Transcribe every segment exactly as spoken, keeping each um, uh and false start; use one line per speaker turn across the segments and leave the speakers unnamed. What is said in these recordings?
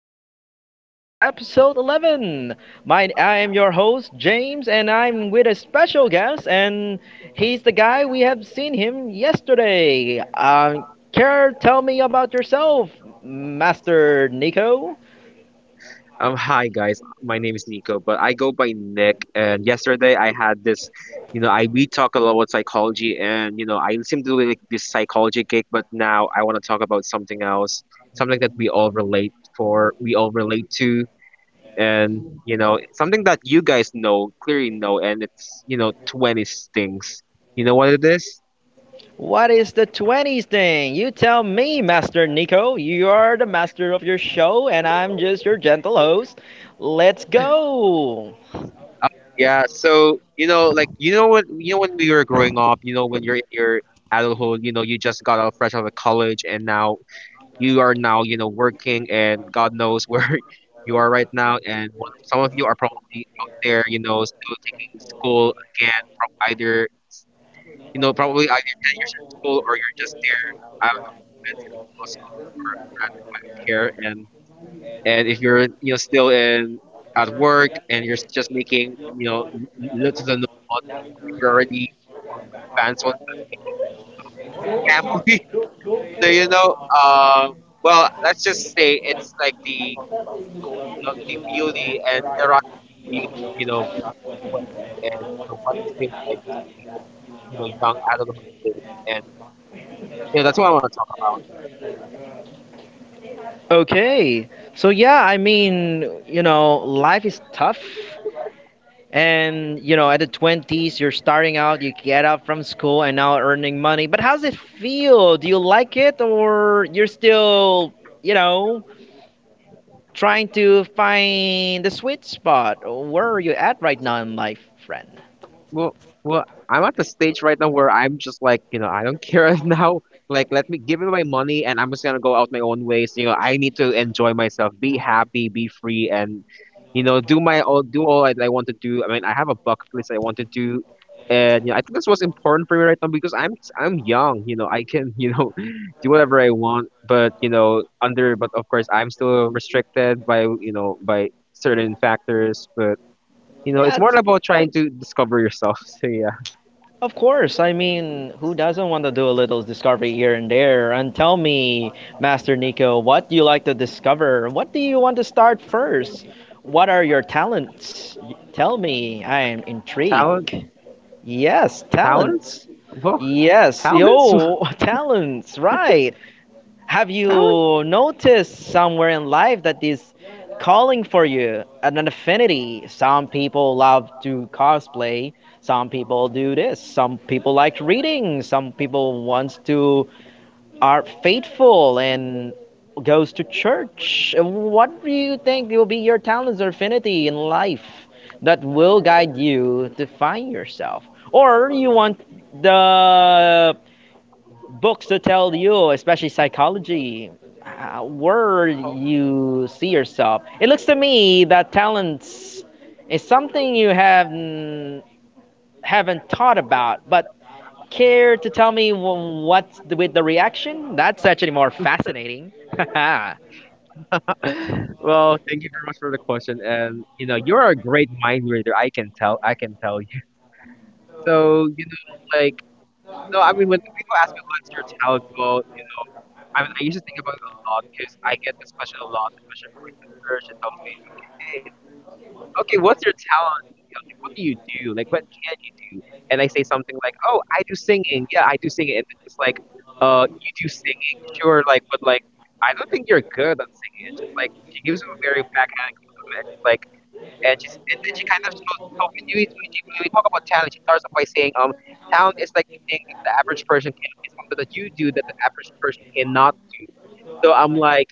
the What's Up Podcast, episode eleven. My, I am your host, James, and I'm with a special guest, and he's the guy we have seen him yesterday. Um, care, tell me about yourself, Master Nico.
Um, hi guys, my name is Nico, but I go by Nick. And yesterday I had this, you know, I we talk a lot about psychology, and you know, I seem to like this psychology gig, but now I want to talk about something else, something that we all relate for, we all relate to, and you know, something that you guys know clearly know, and it's you know, twenties things. You know what it is?
What is the twenties thing? You tell me, Master Nico. You are the master of your show, and I'm just your gentle host. Let's go.
Oh yeah, so you know, like you know when you know when we were growing up, you know when you're in your adulthood, you know you just got out fresh out of college, and now you are now you know working, and God knows where you are right now. And one of some of you are probably out there, you know, still taking school again, prob either you know probably either ten years in school or you're just there. I don't know, med school, law school, or grad school. I don't care, and and if you're you know still in at work and you're s- just making you know l- little to no money, or if you're already one of the advanced ones that made you know made families. So you know um well, let's just say it's like the you know the beauty and the rise and the beauty of you know being in your twenties and you know what it feels like to be in this you know young adulthood stage. And you know that's what I want to talk about.
Okay. So yeah, I mean, you know, life is tough. And you know, at the twenties, you're starting out, you get out from school and now earning money. But how's it feel? Do you like it or you're still, you know, trying to find the sweet spot? Where are you at right now in life, friend?
Well, well, I'm at the stage right now where I'm just like, you know, I don't care now. Like, let me give me my money, and I'm just gonna go out my own ways. You know, I need to enjoy myself, be happy, be free, and you know, do my all, do all I, I want to do. I mean, I have a bucket list I want to do, and you know, I think that's what's important for me right now because I'm I'm young. You know, I can you know do whatever I want, but you know, under but of course I'm still restricted by you know by certain factors, but. You know, it's
Yeah.
more about trying to discover yourself. So yeah.
Of course, I mean, who doesn't want to do a little discovery here and there? And tell me, Master Nico, what do you like to discover? What do you want to start first? What are your talents? Y- Tell me, I
Ta-
am
talent,
intrigued. Yes,
talents,
talents.
well,
Yes,
talents,
yo, talents, right. Have
talents.
you noticed somewhere in life that is calling for you an affinity? Some people love to cosplay. Some people do this. Some people like reading. Some people wants to are faithful and goes to church. What do you think will be your talents or affinity in life that will guide you to find yourself? Or you want the books to tell you, especially psychology, uh, where
Oh.
you see yourself. It looks to me that talents is something you have n- haven't thought about, but care to tell me wh- what's the, with the reaction? That's actually more fascinating.
Well, thank you very much for the question, and you know, you're a great mind reader. I can tell. I can tell you. So you know, like, no, I mean, when the people ask me what's your talent, well, you know. I mean, I used to think about it a lot because I get this question a lot, especially from my sister. She tells me, "Okay, Okay, what's your talent, Nico? Like, what do you do? Like, what can you do?" And I say something like, "Oh, I do singing. Yeah, I do singing." And then just like, "Uh, you do singing? Sure. Like, but like, I don't think you're good at singing." And just like, she gives him a very backhanded compliment, and just like, and she's, and then she kind of so so when you when she when we talk about talent, she starts off by saying, "Um, talent is like the thing that the average person can is something that you do that the average person cannot do." So I'm like,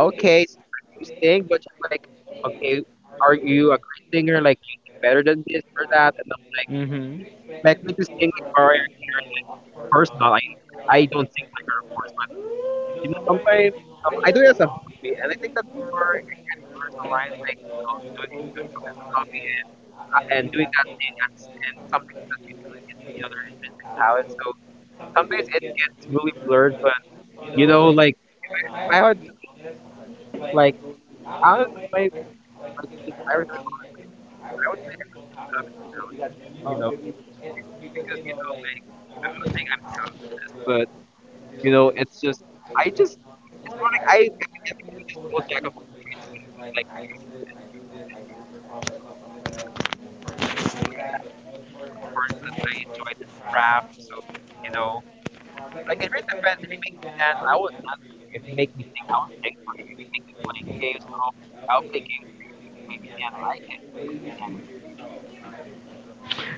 okay, so I do sing, but just like, okay, are you a great singer? Like, you sing better than this or that? And I'm like,
Hmm.
do you expect me to sing like Mariah Carey? Like, of course not. I like I don't sing like her, of course. But you know, sometimes you know I do it as a hobby, and I think that's where it kind of blurs the lines. Like, you know, doing it- doing something as a hobby and ha- and doing that thing as and something that you do is you know their intrinsic talent. So sometimes it gets really blurred, but you know, like if I if I were to be honest, like I don't know, my my sis like you know, if I were to be honest, I think I would say I really don't have any talent because you know it because you know like I'm not saying I'm talentless, but you know it's just I just it's more like I I mean I like to be this whole jack of all trades kind of thing. Like I know this, I do this, I do this for fun, but it's not something that I'm particularly great at. But what's more important is that I enjoy this craft. So you know like it really depends. If you make me dance, I will dance for you. If you make me sing, I will sing for you. If you make me play games, I'll I'll play games for you. If you make me play the piano, I can play the piano for you.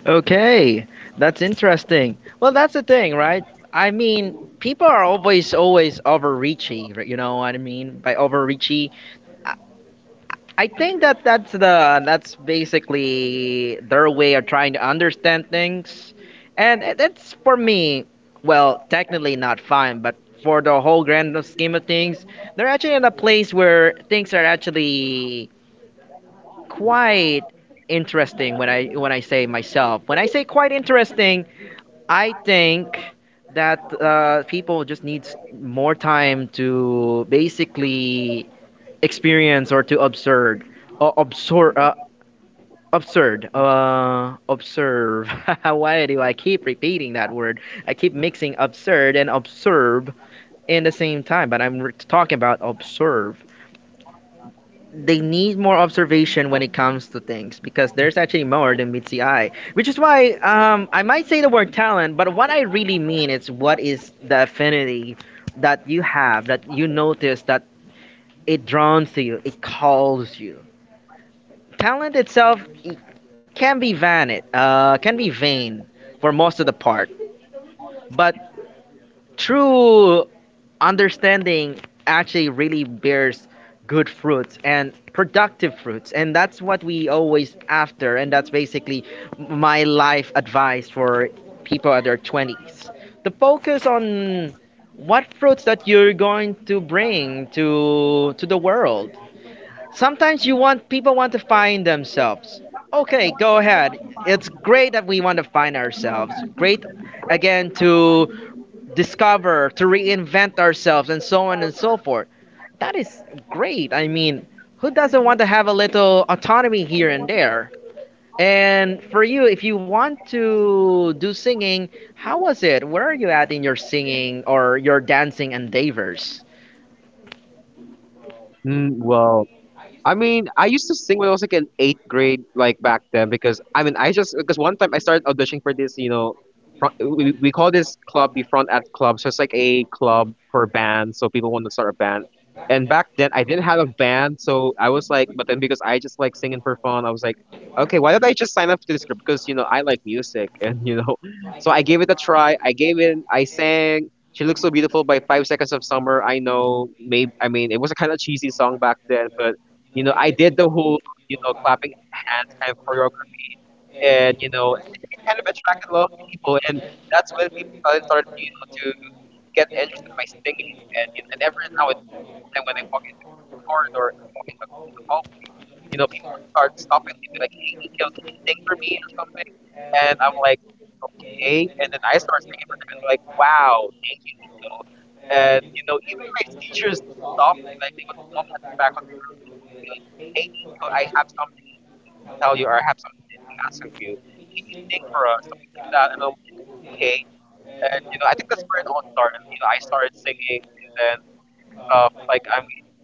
Okay, that's interesting. Well, that's the thing, right? I mean, people are always, always overreaching. Right? You know what I mean? By overreaching, I think that that's the that's basically their way of trying to understand things, and it- it's for me, well, technically not fine, but for the whole grand scheme of things, they're actually in a place where things are actually quite interesting. When I when I say myself, when I say quite interesting, I think that uh, people just need more time to basically experience or to observe or absorb uh, Absurd. Uh, observe. Why do I keep repeating that word? I keep mixing absurd and observe in the same time, but I'm re- talking about observe. They need more observation when it comes to things because there's actually more than meets the eye, which is why um, I might say the word talent, but what I really mean is what is the affinity that you have that you notice that it draws to you, it calls you talent itself i- can be vain, uh, can be vain for most of the part, but true understanding actually really bears good fruits and productive fruits, and that's what we always after, and that's basically my life advice for people at their twenties. The focus on what fruits that you're going to bring to to the world. Sometimes you want people want to find themselves. Okay, go ahead. It's great that we want to find ourselves. Great again to discover, to reinvent ourselves and so on and so forth. That is great. I mean, who doesn't want to have a little autonomy here and there? And for you, if you want to do singing, how was it? Where are you at in your singing or your dancing endeavors?
Mm, well, I mean, I used to sing when I was like in eighth grade, like back then, because I mean, I just because one time I started auditioning for this, you know, front, we we call this club the front at club, so it's like a club for bands, so people want to start a band. And back then, I didn't have a band, so I was like, but then because I just like singing for fun, I was like, okay, why don't I just sign up to this group? Because you know, I like music, and you know, so I gave it a try. I gave in, I sang, she looks so beautiful by Five Seconds of Summer. I know, maybe I mean it was a kind of cheesy song back then, but you know I did the whole you know clapping hands kind of choreography, and you know, and I think it kind of attracted a lot of people, and that's when people started started you know to get interested in my singing. And you know, and every now and then when I walk in the corridor, when I walk in the in the hallway, you know, people would start stopping me and be like, "Hey, Nico, can you sing for me or something?" And I'm like, okay. And then I start singing for them, and they're like, wow, thank you, Nico. And, you know, even my teachers stopped me. Like, they would call me at the faculty room and they would be like, hey, Nico, I have something to, to tell you, or I have something to ask of you. Can you sing for us? Something like that. And I'm like, okay. And, you know, I think that's where it all started. You know, I started singing and then stuff. Like, I mean,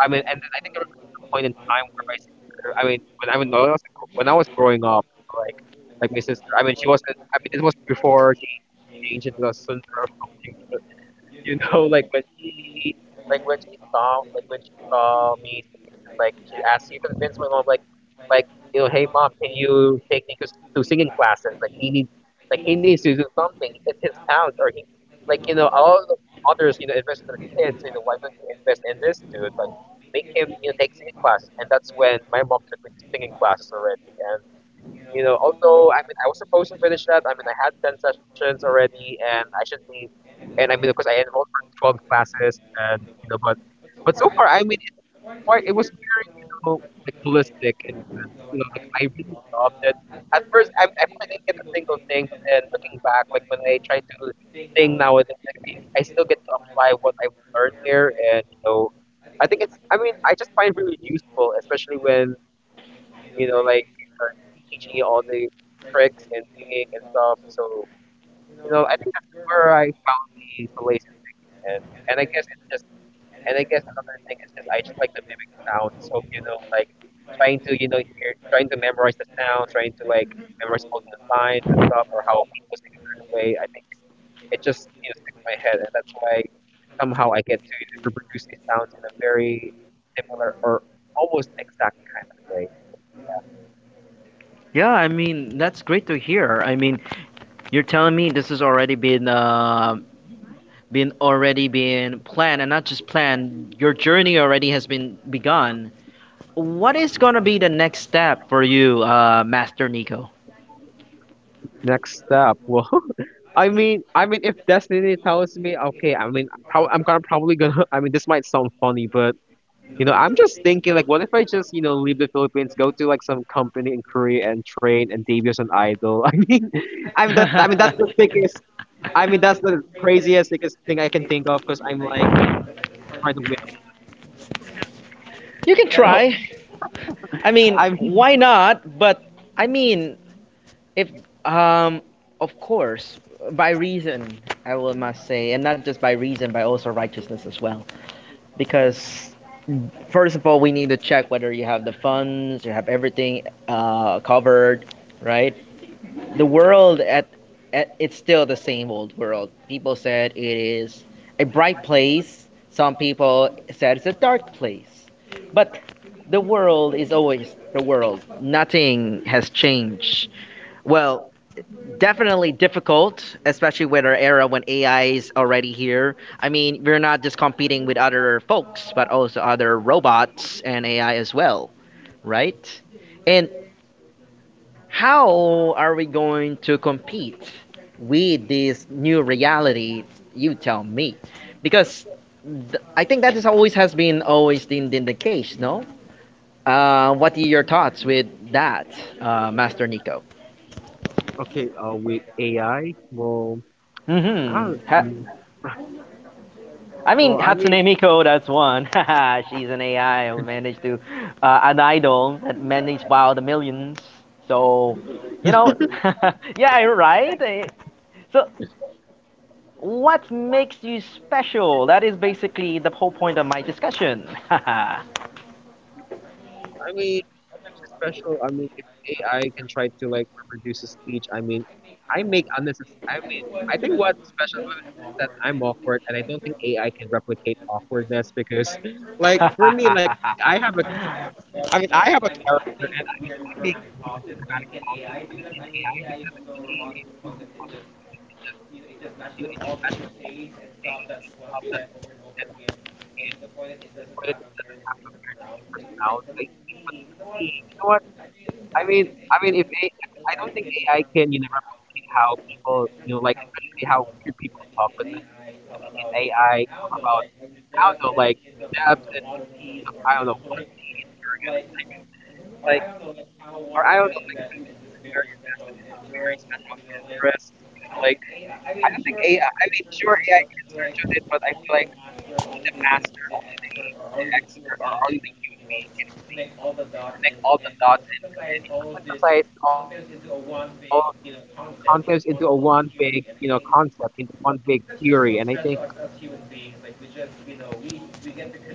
I mean, and then I think there was even a point in time where my sister, I mean, when I mean, when I was a gr- when I was growing up, you know, like like my sister, I mean, she wasn't, I mean, this was before she changed into a Sundar or something, but you know, like when she like when she saw like when she saw me singing, just like she asked, she convinced my mom, like like you know, hey mom, can you take Nico s- to singing classes? Like he needs like he needs to do something. It's his talent, or he like you know all the mothers you know invest in their kids, so, you know why don't you invest in this dude, like make him you know take singing classes. And that's when my mom took me to singing classes already. And you know, although I mean I was supposed to finish that. I mean I had ten sessions already and I should be and I mean of course I enrolled for twelve classes and you know but but so far I mean it was quite it was very, you know, like holistic in a sense. You know, like I really loved it. At first, I mean at first I didn't get a single thing, but then looking back, like when I try to sing nowadays, like I I still get to apply what I've learned there. And you know I think it's I mean I just find it really useful especially when you know, like they start teaching you all the tricks and singing and stuff. So, you know, I think that's where I found the solace in singing. And and I guess it's just and I guess another thing is just I just like to mimic sound. So, you know, like trying to, you know, hear trying to memorize the sounds, trying to like memorize all the lines and stuff, or how people sing a certain way. I think it just, you know, sticks in my head, and that's why somehow I get to, you know, reproduce these sounds in a very similar or almost exact kind of way. So, yeah.
Yeah, I mean, that's great to hear. I mean, you're telling me this has already been uh, been already been planned, and not just planned. Your journey already has been begun. What is gonna be the next step for you, uh, Master Nico?
Next step. Well, I mean, I mean, if Destiny tells me, okay, I mean, I'm prob I'm gonna probably gonna. I mean, this might sound funny, but you know, I'm just thinking, like, what if I just, you know, leave the Philippines, go to like some company in Korea and train and debut as an idol? I mean, I mean
You
that. I mean, that's the
can
sickest. I mean, that's the craziest, sickest thing I can think of. Because I'm like, you know, what if I just try to win all these people and like, you know,
try. I mean,
I mean,
why not? But I mean, if um, of course, by reason, I will must say, and not just by reason, by also righteousness as well, because first of all, we need to check whether you have the funds, you have everything uh, covered, right? The world at, at it's still the same old world. People said it is a bright place. Some people said it's a dark place. But the world is always the world. Nothing has changed. Well, definitely difficult, especially with our era when A I is already here. I mean, we're not just competing with other folks, but also other robots and A I as well, right? And how are we going to compete with this new reality? You tell me, because th- I think that is always has been always been, been the case, no? Uh, what are your thoughts with that, uh, Master Nico?
okay, uh, with A I, well, I
Mm-hmm.
don't.
I mean,
Well, I
Hatsune
mean,
Miku, that's one. Haha, she's an A I who managed to, uh, an idol that managed wow the millions. So, you know, yeah, right. Eh, so, what makes you special? That is basically the whole point of my discussion.
um, I mean, what makes it special? I mean, if A I can try to like reproduce a speech, I mean, I make unnecessary. I mean, I think what's special about it is that I'm awkward, and I don't think A I can replicate awkwardness because, like, for me, like I have a cha- I mean, I have a character, and I mean, I make weird dramatic pauses. I mean, can A I do that? I mean, A I is so robotic to the point that it just, you know, it just matches up all of the cliches and stuff that people have said over and over again, and to the point that it doesn't have a very distinct personality. Like, like, but for me, you know what? I mean, I mean, if a, I mean, I don't think A I can, you know, replicate how people, you know, like especially how weird people talk. Because I mean, can A I talk about? I don't know, like the depths and ends of, I don't know, One Piece, or, you know, like like or I don't know, like how one is very invested in this very special interest, you know, like I don't think AI I I mean sure A I can search on it, but I feel like only the master, only the the expert, or only the human being can really, you know, connect all the dots, and and you know synthesize all of this contents into a one big, you know, concept, into one big theory. And I think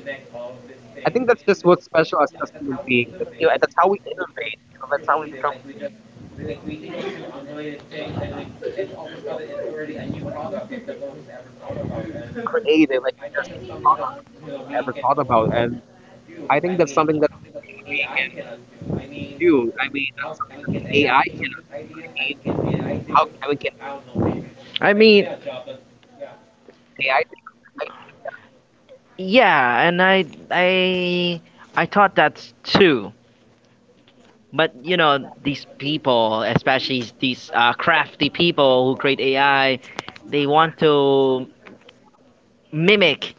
I think that's just what's special as as human beings. Like we just, you know, we we get to connect all of these things, and we make something new, and that's how we innovate. You know, that's how we become creative. Like we just we, like we think of two unrelated things, and we and all of a sudden it's already a new product like that no one's ever thought about. And I think that's something that, you know, we can all do. I mean, that's something that A I cannot do. I mean,
I
how I
mean,
mean, can A I think of this idea? I mean, can A I think of, I don't know, like like give
yeah,
me a
and I,
job that yeah.
I, I thought that's two. But you know these people, especially these uh, crafty people who create A I, they want to mimic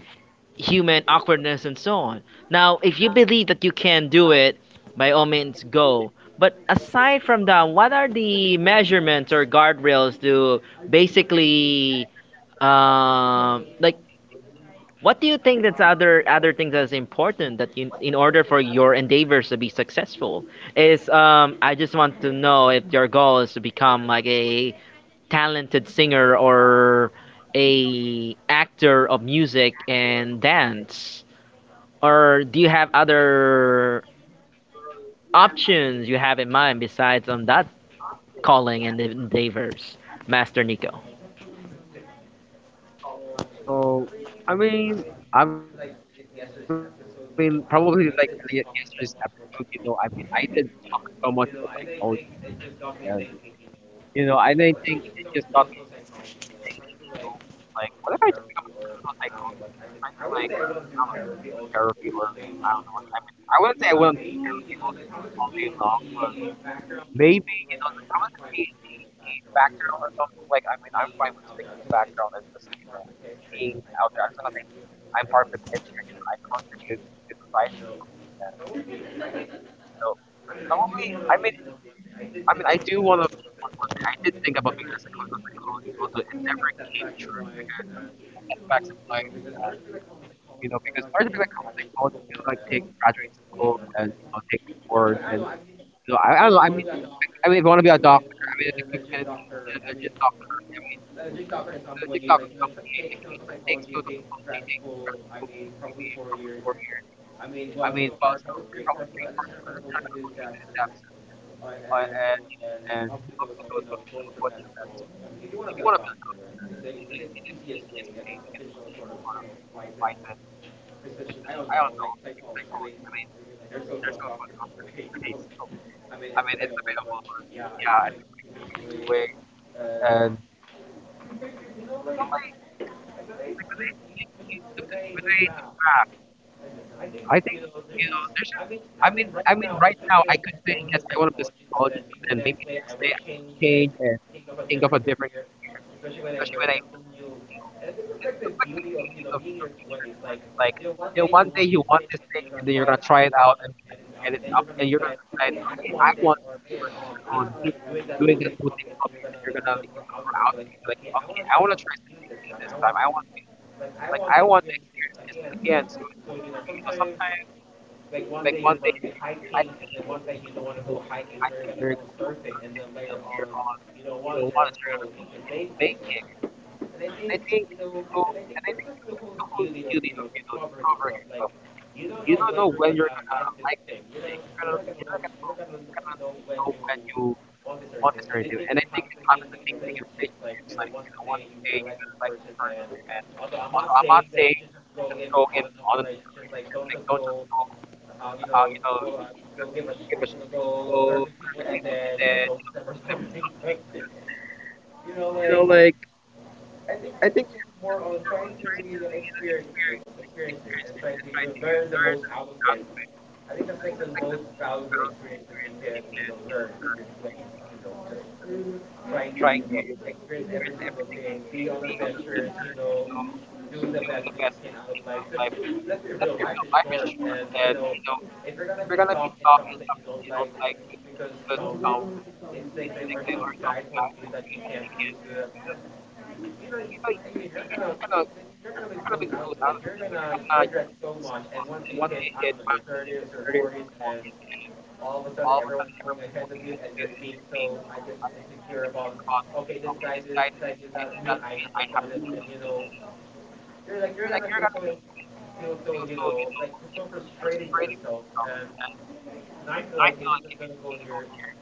human awkwardness and so on. Now, if you believe that you can do it, by all means go. But aside from that, what are the measurements or guardrails to basically um like what do you think that's other other things that's important that you, in order for your endeavors to be successful is um I just want to know if your goal is to become like a talented singer or a actor of music and dance or do you have other options you have in mind besides on that calling and endeavors Master Nico.
Well, I mean, I mean, probably like like yesterday's episode, you know, I mean, I did talk so much about psychology, and, you know, and I think it just got me thinking, you know, like, what if I just become a clinical psychologist, you know, try to like, I don't know, do therapy, or I don't know, like, I mean, I wouldn't say I wouldn't do therapy all all day long, but maybe, you know, like probably just be in the background or something. Like, I mean, I'm fine with sitting in the background and just, you know, being out there. I'm just gonna say I'm part of the picture, you know, I contribute to society or something. And, you know, probably, I mean, I mean, I do want to be one one day. I did think about being a clinical psychologist, although it never came true because of, you know, setbacks in life, and, you know, because in order to become a psychologist, you gotta like take graduate school and, you know, take the boards, and you know, I, I don't know. I mean, I, I mean, if you want to be a doctor, I mean, the quick and, and, and a legit doctor. I mean, a legit doctor in some way, like you know, tr takes clinical psychology, take grad school. I mean, probably four years. I mean, well, it's still hard, probably three courses, but at least you're not gonna go through the depths and uh, and you know and obstacles of you know going through med school. I mean, if you want to be a doctor in the in the easiest way, like an official sort of, you know, licensed physician. I don't know, like psychologist. I mean, they're so-called doctors in a way. So, I mean, it's available, but yeah, it's just like the quickest way. And you know, like like when I you, you look to, when I look back. I think, you know, there's just I mean I mean right now I could say yes, I want to be a psychologist, but then maybe next day I would change and think of a different career, especially when I learn something new. And I think that's like the beauty of, you know, being in your twenties. Like, you know, one day you want this thing, and then you're gonna try it out and be like, and it's up, and you're gonna decide, okay, I want this, or later on you keep doing that whole same hobby and then you're gonna like, you know, grow out of it and be like, okay, I wanna try something new this time. I want to like I want to experience this again. So it's so you know sometimes like one day you're gonna be hiking, and then one day you don't wanna go hiking, so you're gonna go surfing, and then later on you don't want it, so you're gonna go into baking, and and I think, you know, and I think that's just the whole beauty of, you know, discovering yourself. Like, you don't know when you're gonna like this thing. You're gonna, you're gonna go, you're gonna kn- know when you want this or anything. And I think it happens the same thing in relationships. Like, you know, one day you're gonna like this person, and although I'm not saying that you should just go in on and off relationships. Like, don't just go, uh, you know, go, uh, go give a, sh you know, go flirt with people and then, you know, ghost them or something. But you know, like I think it's just more on trying to, you know, experience it, experience it, and try to, you know, learn the most out of it. I think that's like the most valuable experience that you can, you know, learn in your twenties, you know, just trying to, you know, experience every single thing, be on adventures, you know, do the best that you can out of life. Because let's be real, life is short, and, you know, if you're gonna be stuck in something that you don't like, if it- just because some instinct thing or some guy told you that you can't do this, do that, then you know, y- you're not gonna then you're not gonna make those out of it. Like you're gonna regret so much. And once you hit, I don't know, your thirties or forties, and all of a sudden everyone's going ahead of you, and you're being so, I guess, insecure about, okay, this guy did it, this guy did that, me, I haven't done it. Then you know, you're like you're gonna feel so in- feel so, you know, like so frustrated with yourself. And and I feel like if you're just gonna go in your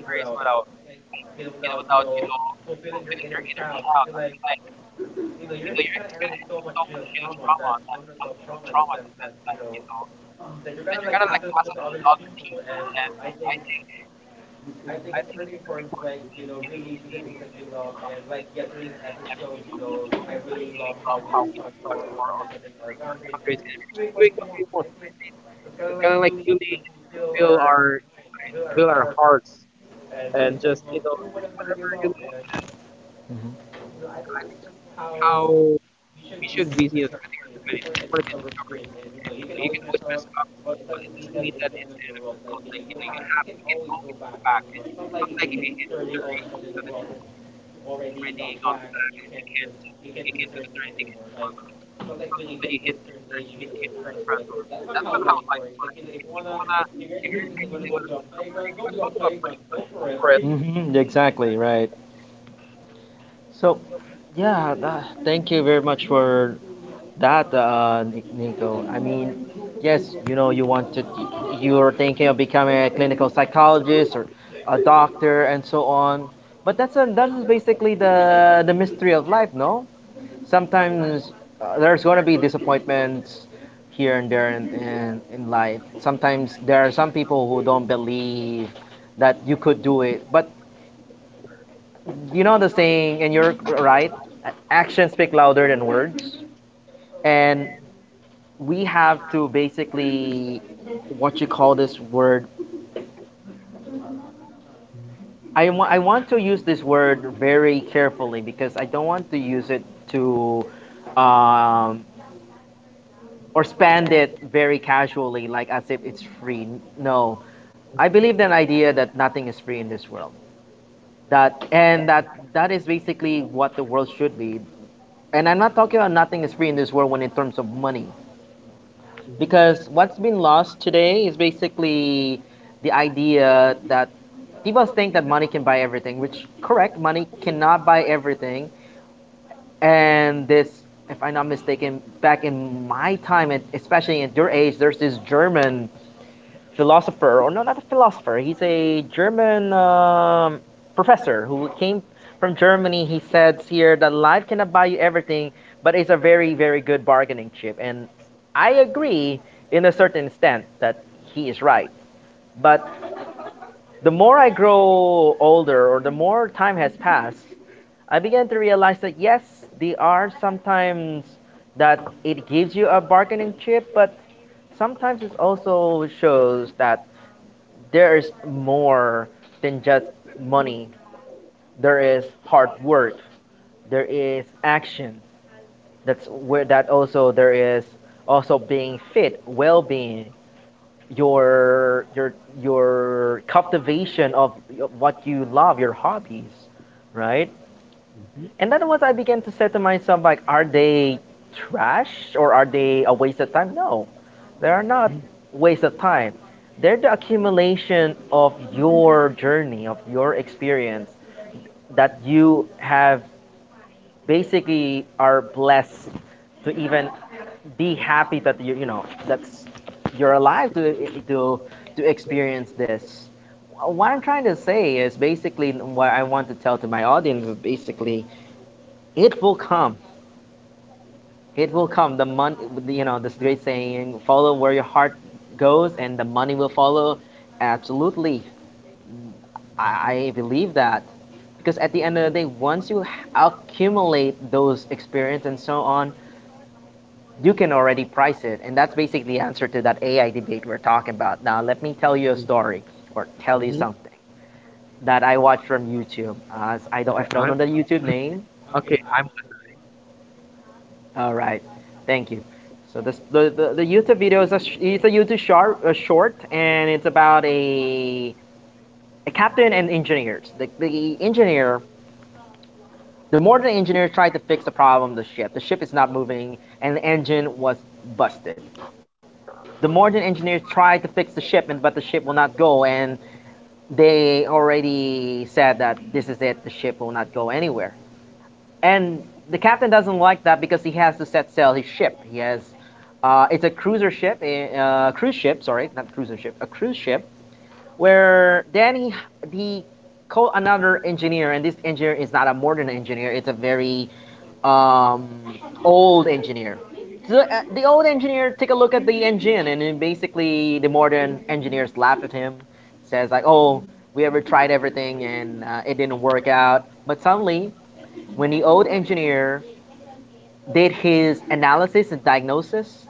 thirties without, like, you know, without, you know, fulfilling your inner child, I feel like you know, you're just gonna end up with so much, you know, trauma that unresolved trauma in the sense that, you know, that you're gonna like pass it on to other people. And I think I think it's pretty important to like, you know, really do the things that you love. And like yesterday's episode, you know, I really love how we discuss more on, you know, setting our boundaries and really just doing what we want. Because I think that's gonna like really, you know, fulfill our minds, fulfill our hearts, and just, you know, do whatever you love. And you know, I think that's just how we should be, you know, spending our twenties. It's more like a discover experience, and you know, you can always mess up, but it doesn't mean that it's the end of the road. Like, you know, you have you can always go back. And you know, it's not like if you hit thirty, all of a sudden the world is already gone black and you can't just you can't do the certain thing anymore. Like, it's not like when you hit this certain age, you hit a certain threshold. Like, that's not how life works. Like, you know, if you wanna, if you're in the fifties and you wanna go to a playground, go to a playground. Go for it. Like.
Hmm, exactly right. So, yeah, uh, thank you very much for that, uh, Ni- Nico. I mean, yes, you know, you want to, you're thinking of becoming a clinical psychologist or a doctor and so on. But that's a, that is basically the the mystery of life, no? Sometimes uh, there's going to be disappointments here and there in, in, in life. Sometimes there are some people who don't believe that you could do it. But you know the saying, and you're right, actions speak louder than words. And we have to basically what you call this word I, wa- I want to use this word very carefully because I don't want to use it to um, or spend it very casually like as if it's free. No, I believe in the idea that nothing is free in this world, that and that that is basically what the world should be. And I'm not talking about nothing is free in this world when in terms of money,
Mhm,
because what's been lost today is basically the idea that people think that money can buy everything, which correct, money cannot buy everything. And this, if I'm not mistaken, back in my time, and especially at your age, there's this German philosopher, or no, not a philosopher. He's a German um, professor who came from Germany. He says here that life cannot buy you everything, but it's a very, very good bargaining chip. And I agree in a certain extent that he is right. But the more I grow older, or the more time has passed, I began to realize that yes, they are sometimes that it gives you a bargaining chip, but sometimes it also shows that there is more than just money. There is hard work. There is action. That's where that also there is also being fit, well-being, your your your cultivation of what you love, your hobbies, right?
mhm,
And then what I began to say to myself, like, are they trash or are they a waste of time? No, they are not waste of time. They're the accumulation of your journey, of your experience that you have basically are blessed to even be happy that you you know that's you're alive to to to experience this. What I'm trying to say is basically what I want to tell to my audience is basically it will come It will come. The money, you know, this great saying: "Follow where your heart goes, and the money will follow." Absolutely, I, I believe that because at the end of the day, once you accumulate those experience and so on, you can already price it, and that's basically the answer to that A I debate we're talking about. Now, let me tell you a
mhm.
story or tell you
Mhm.
something that I watched from YouTube. Uh, I don't, I
Okay,
don't know
I
the YouTube name,
Okay, I'm listening.
all right, thank you. So this the, the, the YouTube video is a it's a YouTube short a short and it's about a a captain and engineers. The the engineer the modern engineer tried to fix the problem of the ship. The ship is not moving and the engine was busted. The modern engineers tried to fix the ship and but the ship will not go and they already said that this is it the ship will not go anywhere. And the captain doesn't like that because he has to set sail his ship. He has, uh, it's a cruiser ship, a uh, cruise ship. Sorry, not cruiser ship, a cruise ship. Where then he he called another engineer, and this engineer is not a modern engineer. It's a very um, old engineer. So uh, the old engineer take a look at the engine, and then basically the modern engineers laugh at him, says like, "Oh, we ever tried everything, and uh, it didn't work out." But suddenly when the old engineer did his analysis and diagnosis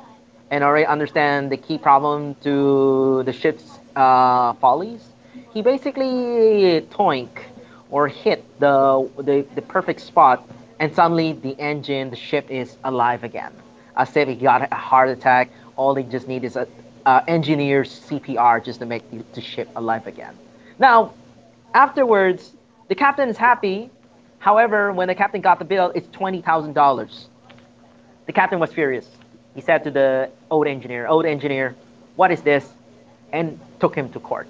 and already understand the key problem to the ship's uh, follies, he basically toink or hit the, the, the perfect spot and suddenly the engine, the ship is alive again. As if he got a heart attack, all they just need is a, uh, engineer's C P R just to make the, the ship alive again. Now, afterwards, the captain's happy. However, when the captain got the bill, it's twenty thousand dollars. The captain was furious. He said to the old engineer, "Old engineer, what is this?" and took him to court.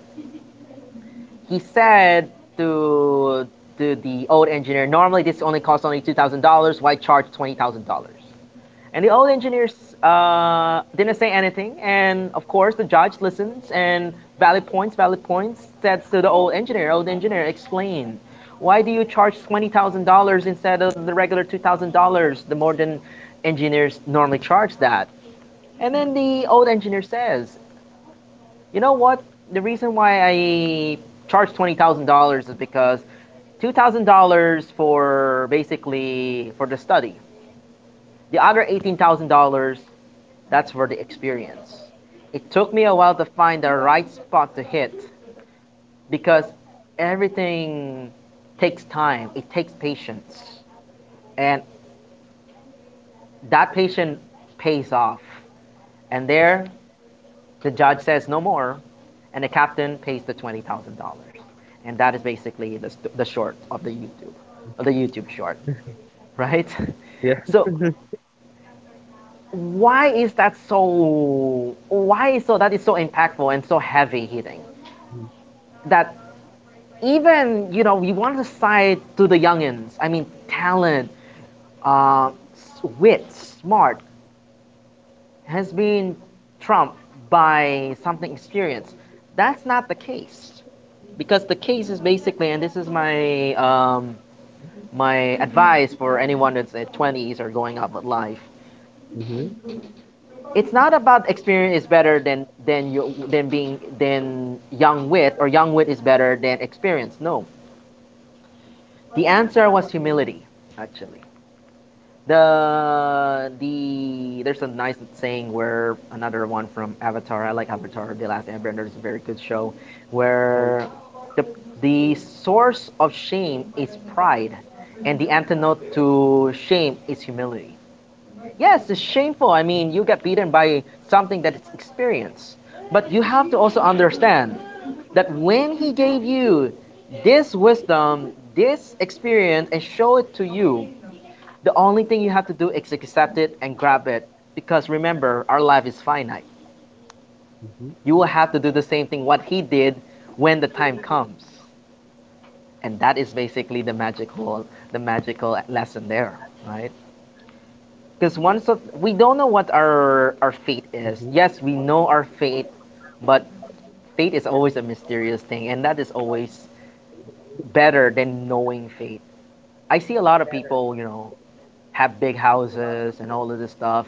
He said to to the old engineer, "Normally this only costs only two thousand dollars. Why charge twenty thousand dollars?" And the old engineers uh, didn't say anything. And of course, the judge listens and valid points, valid points, says to the old engineer, old engineer, explain. Why do you charge twenty thousand dollars instead of the regular two thousand dollars the more than engineers normally charge that? And then the old engineer says, you know what? The reason why I charge twenty thousand dollars is because two thousand dollars for basically for the study. The other eighteen thousand dollars, that's for the experience. It took me a while to find the right spot to hit because everything takes time, it takes patience. And that patience pays off. And there, the judge says no more, and the captain pays the twenty thousand dollars. And that is basically the, the short of the YouTube, of the YouTube short, right?
Yeah.
So why is that, so why is so that is so impactful and so heavy hitting that even you know we want to side to the youngins. I mean, talent, uh, wit, smart has been trumped by something experience. That's not the case because the case is basically, and this is my um, my advice for anyone that's at twenties or going up with life.
Mm-hmm.
It's not about experience is better than than you than being than young wit, or young wit is better than experience. No, the answer was humility, actually. The the there's a nice saying where, another one from Avatar. I like Avatar. The Last Airbender is a very good show,
Oh
where
yes.
the the source of shame is pride, and the antidote to shame is humility. Yes, it's shameful. I mean, you get beaten by something that is experience, but you have to also understand that when he gave you this wisdom, this experience, and show it to you, the only thing you have to do is accept it and grab it. Because remember, our life is finite.
Mm-hmm.
You will have to do the same thing what he did when the time comes. And that is basically the magical, the magical lesson there, right?
Mm-hmm.
Because once of, we don't know what our our fate is. Yes, we know our fate, but fate is always a mysterious thing, and that is always better than knowing fate. I see a lot of people, you know, have big houses and all of this stuff.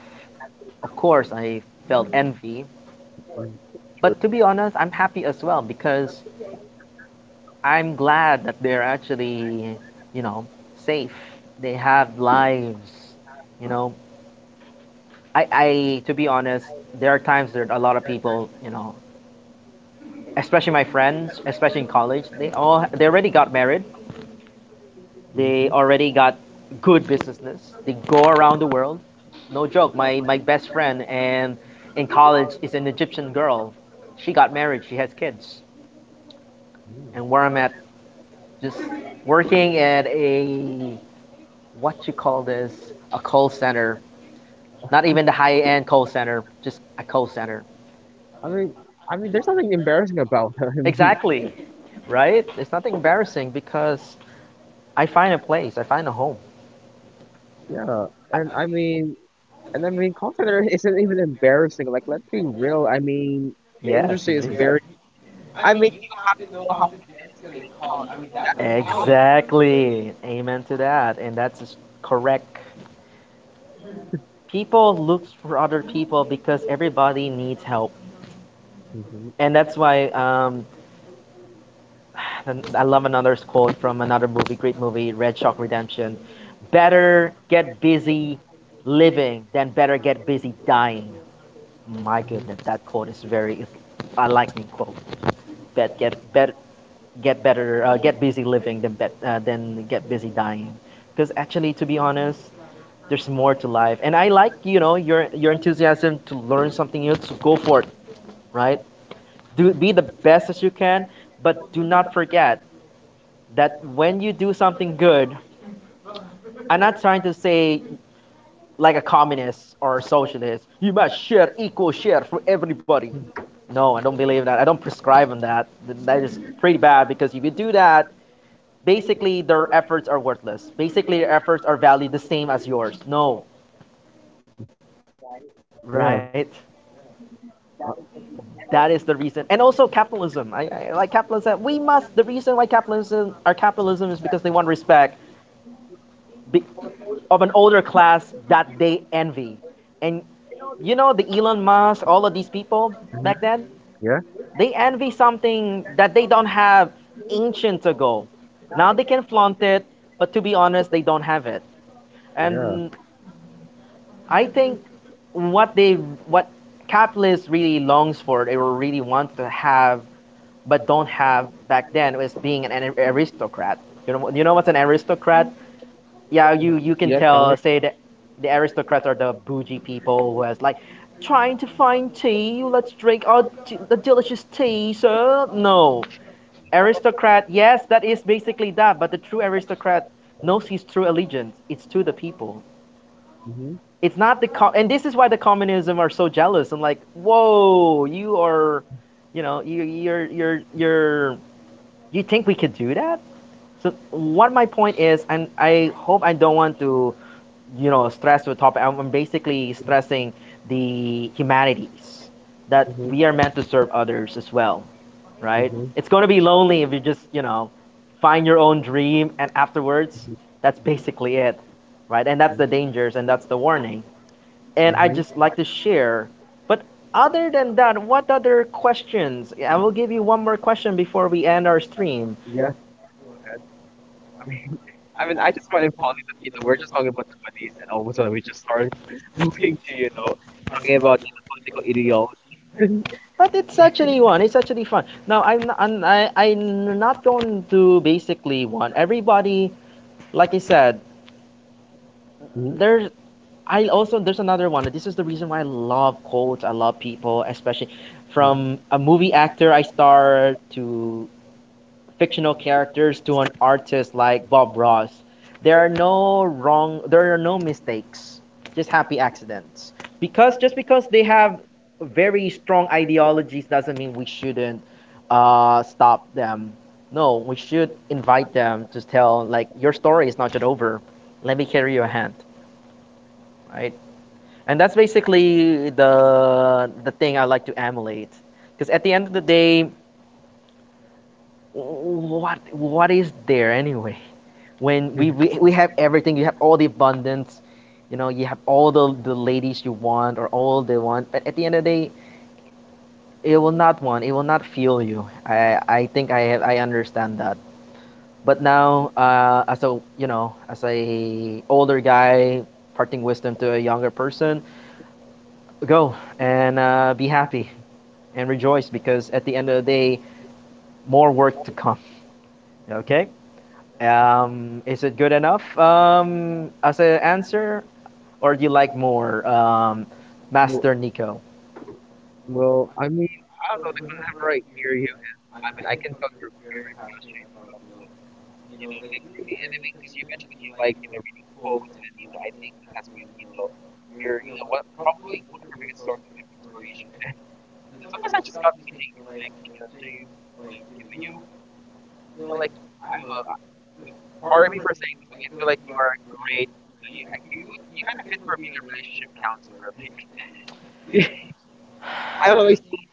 Of course, I felt
True.
envy, but to be honest, I'm happy as well because I'm glad that they're actually, you know, safe. They have lives, you know. I, I to be honest, there are times that a lot of people, you know, especially my friends, especially in college, they all they already got married.
Mm-hmm.
They already got good businesses. They go around the world. No joke, my my best friend and in college is an Egyptian girl. She got married, she has kids
Mm.
and where I'm at, just working at a what you call this, a call center. Not even the high end call center, just a call center.
I mean, I mean, there's nothing embarrassing about that. I mean,
Exactly, right? It's nothing embarrassing because I find a place, I find a home.
yeah,
I,
and I mean, and I mean, call center isn't even embarrassing. Like, let's be real. I mean, the
yes,
industry is
indeed.
very. I mean, you have to know how to de-escalate calls. I
Talent.
mean, that's a talent.
Exactly. Amen to that. And that's correct. People look for other people because everybody needs help.
Mm-hmm.
And that's why um, and I love another quote from another movie, great movie, Red Shock Redemption. Better get busy living than better get busy dying. My
Mm-hmm.
goodness, that quote is very. It's, I like me quote. Bet get bet get better uh, get busy living than bet uh, than get busy dying. Because actually, to be honest, there's more to life. And I like, you know, your your enthusiasm to learn something new. So go for it, right? Do be the best as you can, but do not forget that when you do something good, I'm not trying to say like a communist or a socialist, you must share equal share for everybody. No, I don't believe that. I don't prescribe on that. That is pretty bad because if you do that, basically their efforts are worthless. Basically, their efforts are valued the same as yours. No, right?
Yeah.
That is the reason. And also capitalism. I, I like capitalism. We must. The reason why capitalism, our capitalism, is because they want respect. Be, of an older class that they envy. And you know, the Elon Musk, all of these people back
Mm-hmm.
then,
Yeah.
they envy something that they don't have ancient ago. Now they can flaunt it, but to be honest, they don't have it.
Yeah.
And I think what they, what capitalists really longs for, they really want to have, but don't have back then, was being an aristocrat. You know, you know what's an aristocrat? Yeah, you you can
Yeah, tell
tell,
me.
say that the aristocrats are the bougie people who has like trying to find tea. Let's drink our t- the delicious tea, sir. No,
Mhm.
aristocrat. Yes, that is basically that. But the true aristocrat knows his true allegiance. It's to the people.
Mm-hmm.
It's not the com- and this is why the communism are so jealous. I'm like, whoa, you are, you know, you you're you're you're you think we could do that? So what my point is, and I hope I don't want to, you know, stress with topic. I'm basically
Mm-hmm.
stressing the humanities that
Mm-hmm.
we are meant to serve others as well, right? It's
Mm-hmm.
going to be lonely if you just, you know, find your own dream and afterwards
Hmm.
that's basically it, right? And that's the dangers and that's the warning. And I
Hmm.
just like to share. But other than that, what other questions? I will give you one more question before we end our stream.
Yeah, then go ahead. I mean, I mean, I just find it funny that, you know, we're just talking about twenties and all of a sudden we just start moving to, you know, talking about, you know, political ideology.
But it's actually one. It's actually fun. Now I'm not, I'm, I, I'm not going to basically want everybody, like I said,
Mhm.
there's, I also there's another one. This is the reason why I love quotes. I love people, especially from
You.
a movie actor I star to fictional characters to an artist like Bob Ross, there are no wrong, there are no mistakes, just happy accidents. Because just because they have very strong ideologies doesn't mean we shouldn't uh, stop them. No, we should invite them to tell like your story is not yet over. Let me carry your hand, right? And that's basically the the thing I like to emulate. Because at the end of the day, what what is there anyway? When we, we we have everything, you have all the abundance, you know, you have all the, the ladies you want or all they want, but at the end of the day it will not want, it will not feel you. I i think I have, I understand that, but now uh, as a you know, as a older guy, parting wisdom to a younger person, go and uh, be happy and rejoice because at the end of the day, more work to come, okay.
Yeah.
Um, is it good enough um, as an answer, or do you like more, um,
w-
Master Nico?
Well, I mean, I don't know, like whenever I hear you and I mean, I can tell you're very passionate about, you know, you know, like really, and I mean, because you mentioned that you like, you know, reading quotes, and you know, I think this has been, you know, your, you know, one probably one of your biggest source of inspiration, and you know, sometimes I just got me thinking, like, you know, James, like, you know, you, you know, like, I don't know, I- the- pardon me for saying this, but I feel like you are a great, you know, you, I- you, you kind of fit for being a relationship counselor, like, I don't know, I say,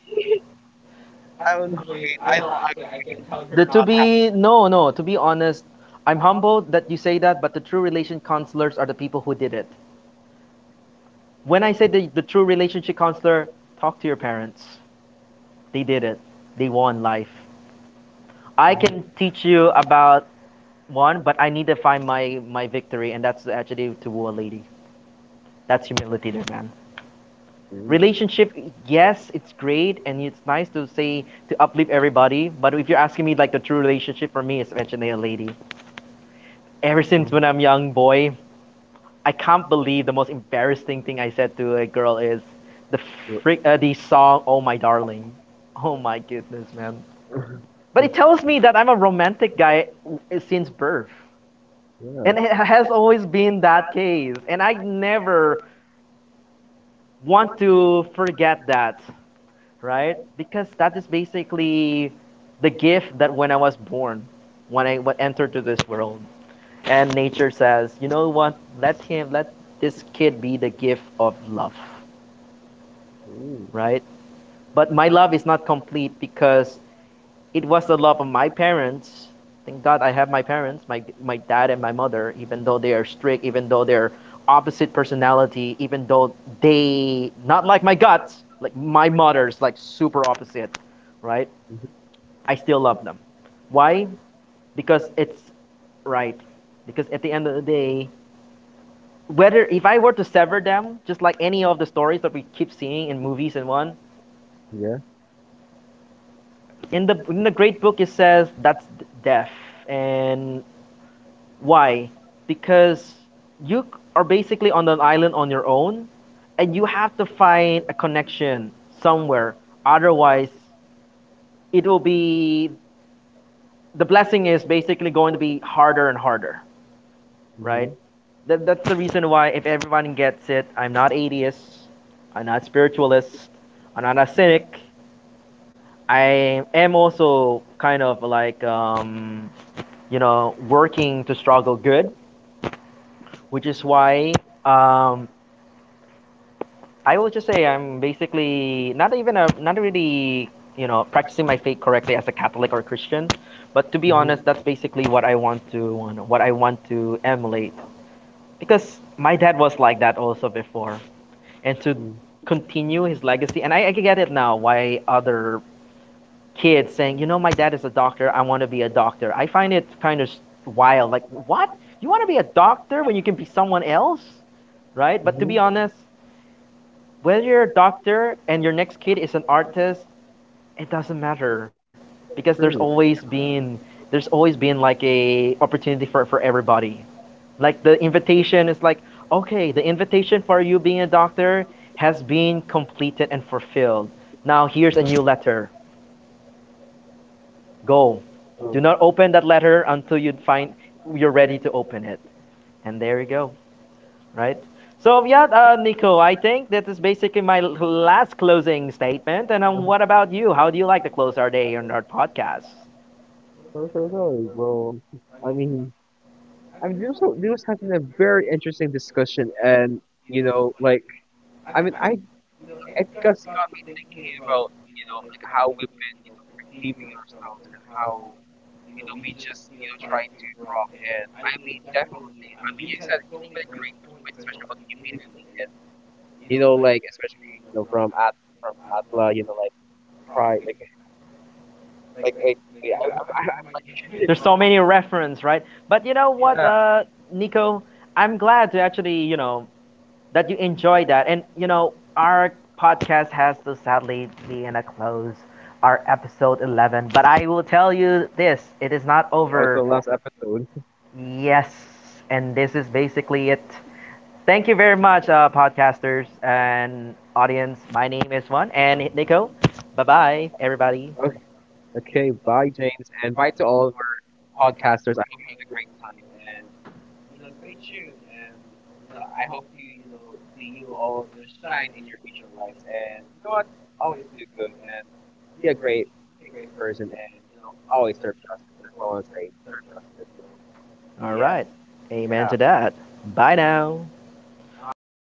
I don't know, wait, I know, okay, I can tell
The,
you're
to
not happy.
be no no to be honest, I'm humbled that you say that, but the true relation counselors are the people who did it. When I say the, the true relationship counselor, talk to your parents. They did it. They won life. I can
Ooh,
teach you about one, but I need to find my my victory, and that's the attribute to woo a lady. That's humility, there, man.
ooh,
Relationship, yes, it's great and it's nice to say to uplift everybody, but if you're asking me, like, the true relationship for me is actually a lady ever since when
oh,
I'm young boy. I can't believe the most embarrassing thing I said to a girl is the frick, uh, the song Oh My Darling. Oh my goodness, man. But it tells me that I'm a romantic guy, uh, since birth, and
yeah.
it has always been that case and I never want to forget that, right? Because that is basically the gift that when I was born, when I w- entered to this world, and nature says, you know what? Let him, let this kid be the gift of love,
Mm.
right? But my love is not complete because it was the love of my parents. Thank God I have my parents, my my dad and my mother. Even though they
Mm-hmm.
are strict, even though they're opposite personality, even though they not like my guts, like my mother's like super opposite, right?
Mm-hmm.
I still love them. Why? Because it's right. Because at the end of the day, whether if I were to sever them, just like any of the stories that we keep seeing in movies and one,
Yeah.
in the in the great book, it says that's death. And why? Because you are basically on an island on your own, and you have to find a connection somewhere. Otherwise, it will be, the blessing is basically going to be harder and harder.
Mm-hmm.
Right? That, that's the reason why, if everyone gets it, I'm not atheist, I'm not spiritualist, I'm not a cynic. I am also kind of like, um, you know, working to struggle good, which is why um, I will just say I'm basically not even a, not really, you know, practicing my faith correctly as a Catholic or Christian. But to be honest,
Mm-hmm.
that's basically what I want to, what I want to emulate because my dad was like that also before, and to continue his legacy. And I, I get it now why other kids saying, you know, my dad is a doctor. I want to be a doctor. I find it kind of wild. Like, what? You want to be a doctor when you can be someone else, right? But to be
Mm-hmm.
honest, whether you're a doctor and your next kid is an artist, it doesn't matter because there's
True.
always
Yeah.
been there's always been like a opportunity for, for everybody. Like the invitation is like, okay, the invitation for you being a doctor has been completed and fulfilled. Now here's a new letter. Go.
So,
Do not open that letter until you find you're ready to open it. And there you go, right? So yeah, uh, Nico, I think that is basically my last closing statement. And
mhm.
um, what about you? How do you like to close our day on our podcast?
so, so, so, well, I mean, I mean, this was, this was has been a very interesting discussion, and you know, like, I mean, I, you know, it just got me thinking about, you know, like how we've been, you know, perceiving ourselves and how, you know, we just, you know, try to grow up. And I mean, definitely, I mean, you said so many great points, especially on humility and you know, like especially you know from at from Atla, you know, like pride, like like like wait, I I I I might get it
There's so
wrong.
many reference, right? But you know what,
Yeah.
uh, Nico, I'm glad to actually, you know, that you enjoy that. And you know, our podcast has to sadly be in a close, our episode eleven. But I will tell you this: it is not
Oh, it's the
over.
last episode.
Yes, and this is basically it. Thank you very much, uh, podcasters and audience. My name is Juan and Nico. Bye bye, everybody.
Okay. Okay. Bye, James, and bye to all of our podcasters. I hope you had a great time, and you know, stay tuned, and you know, I hope to you know see you all you know shine in your future lives, and you know what, always do good and be a great, really great person, and you know, always serve justice. That's what I want to say. Serve justice. You know,
All
yes.
right. Amen
Yeah,
to that. Bye now.
bye.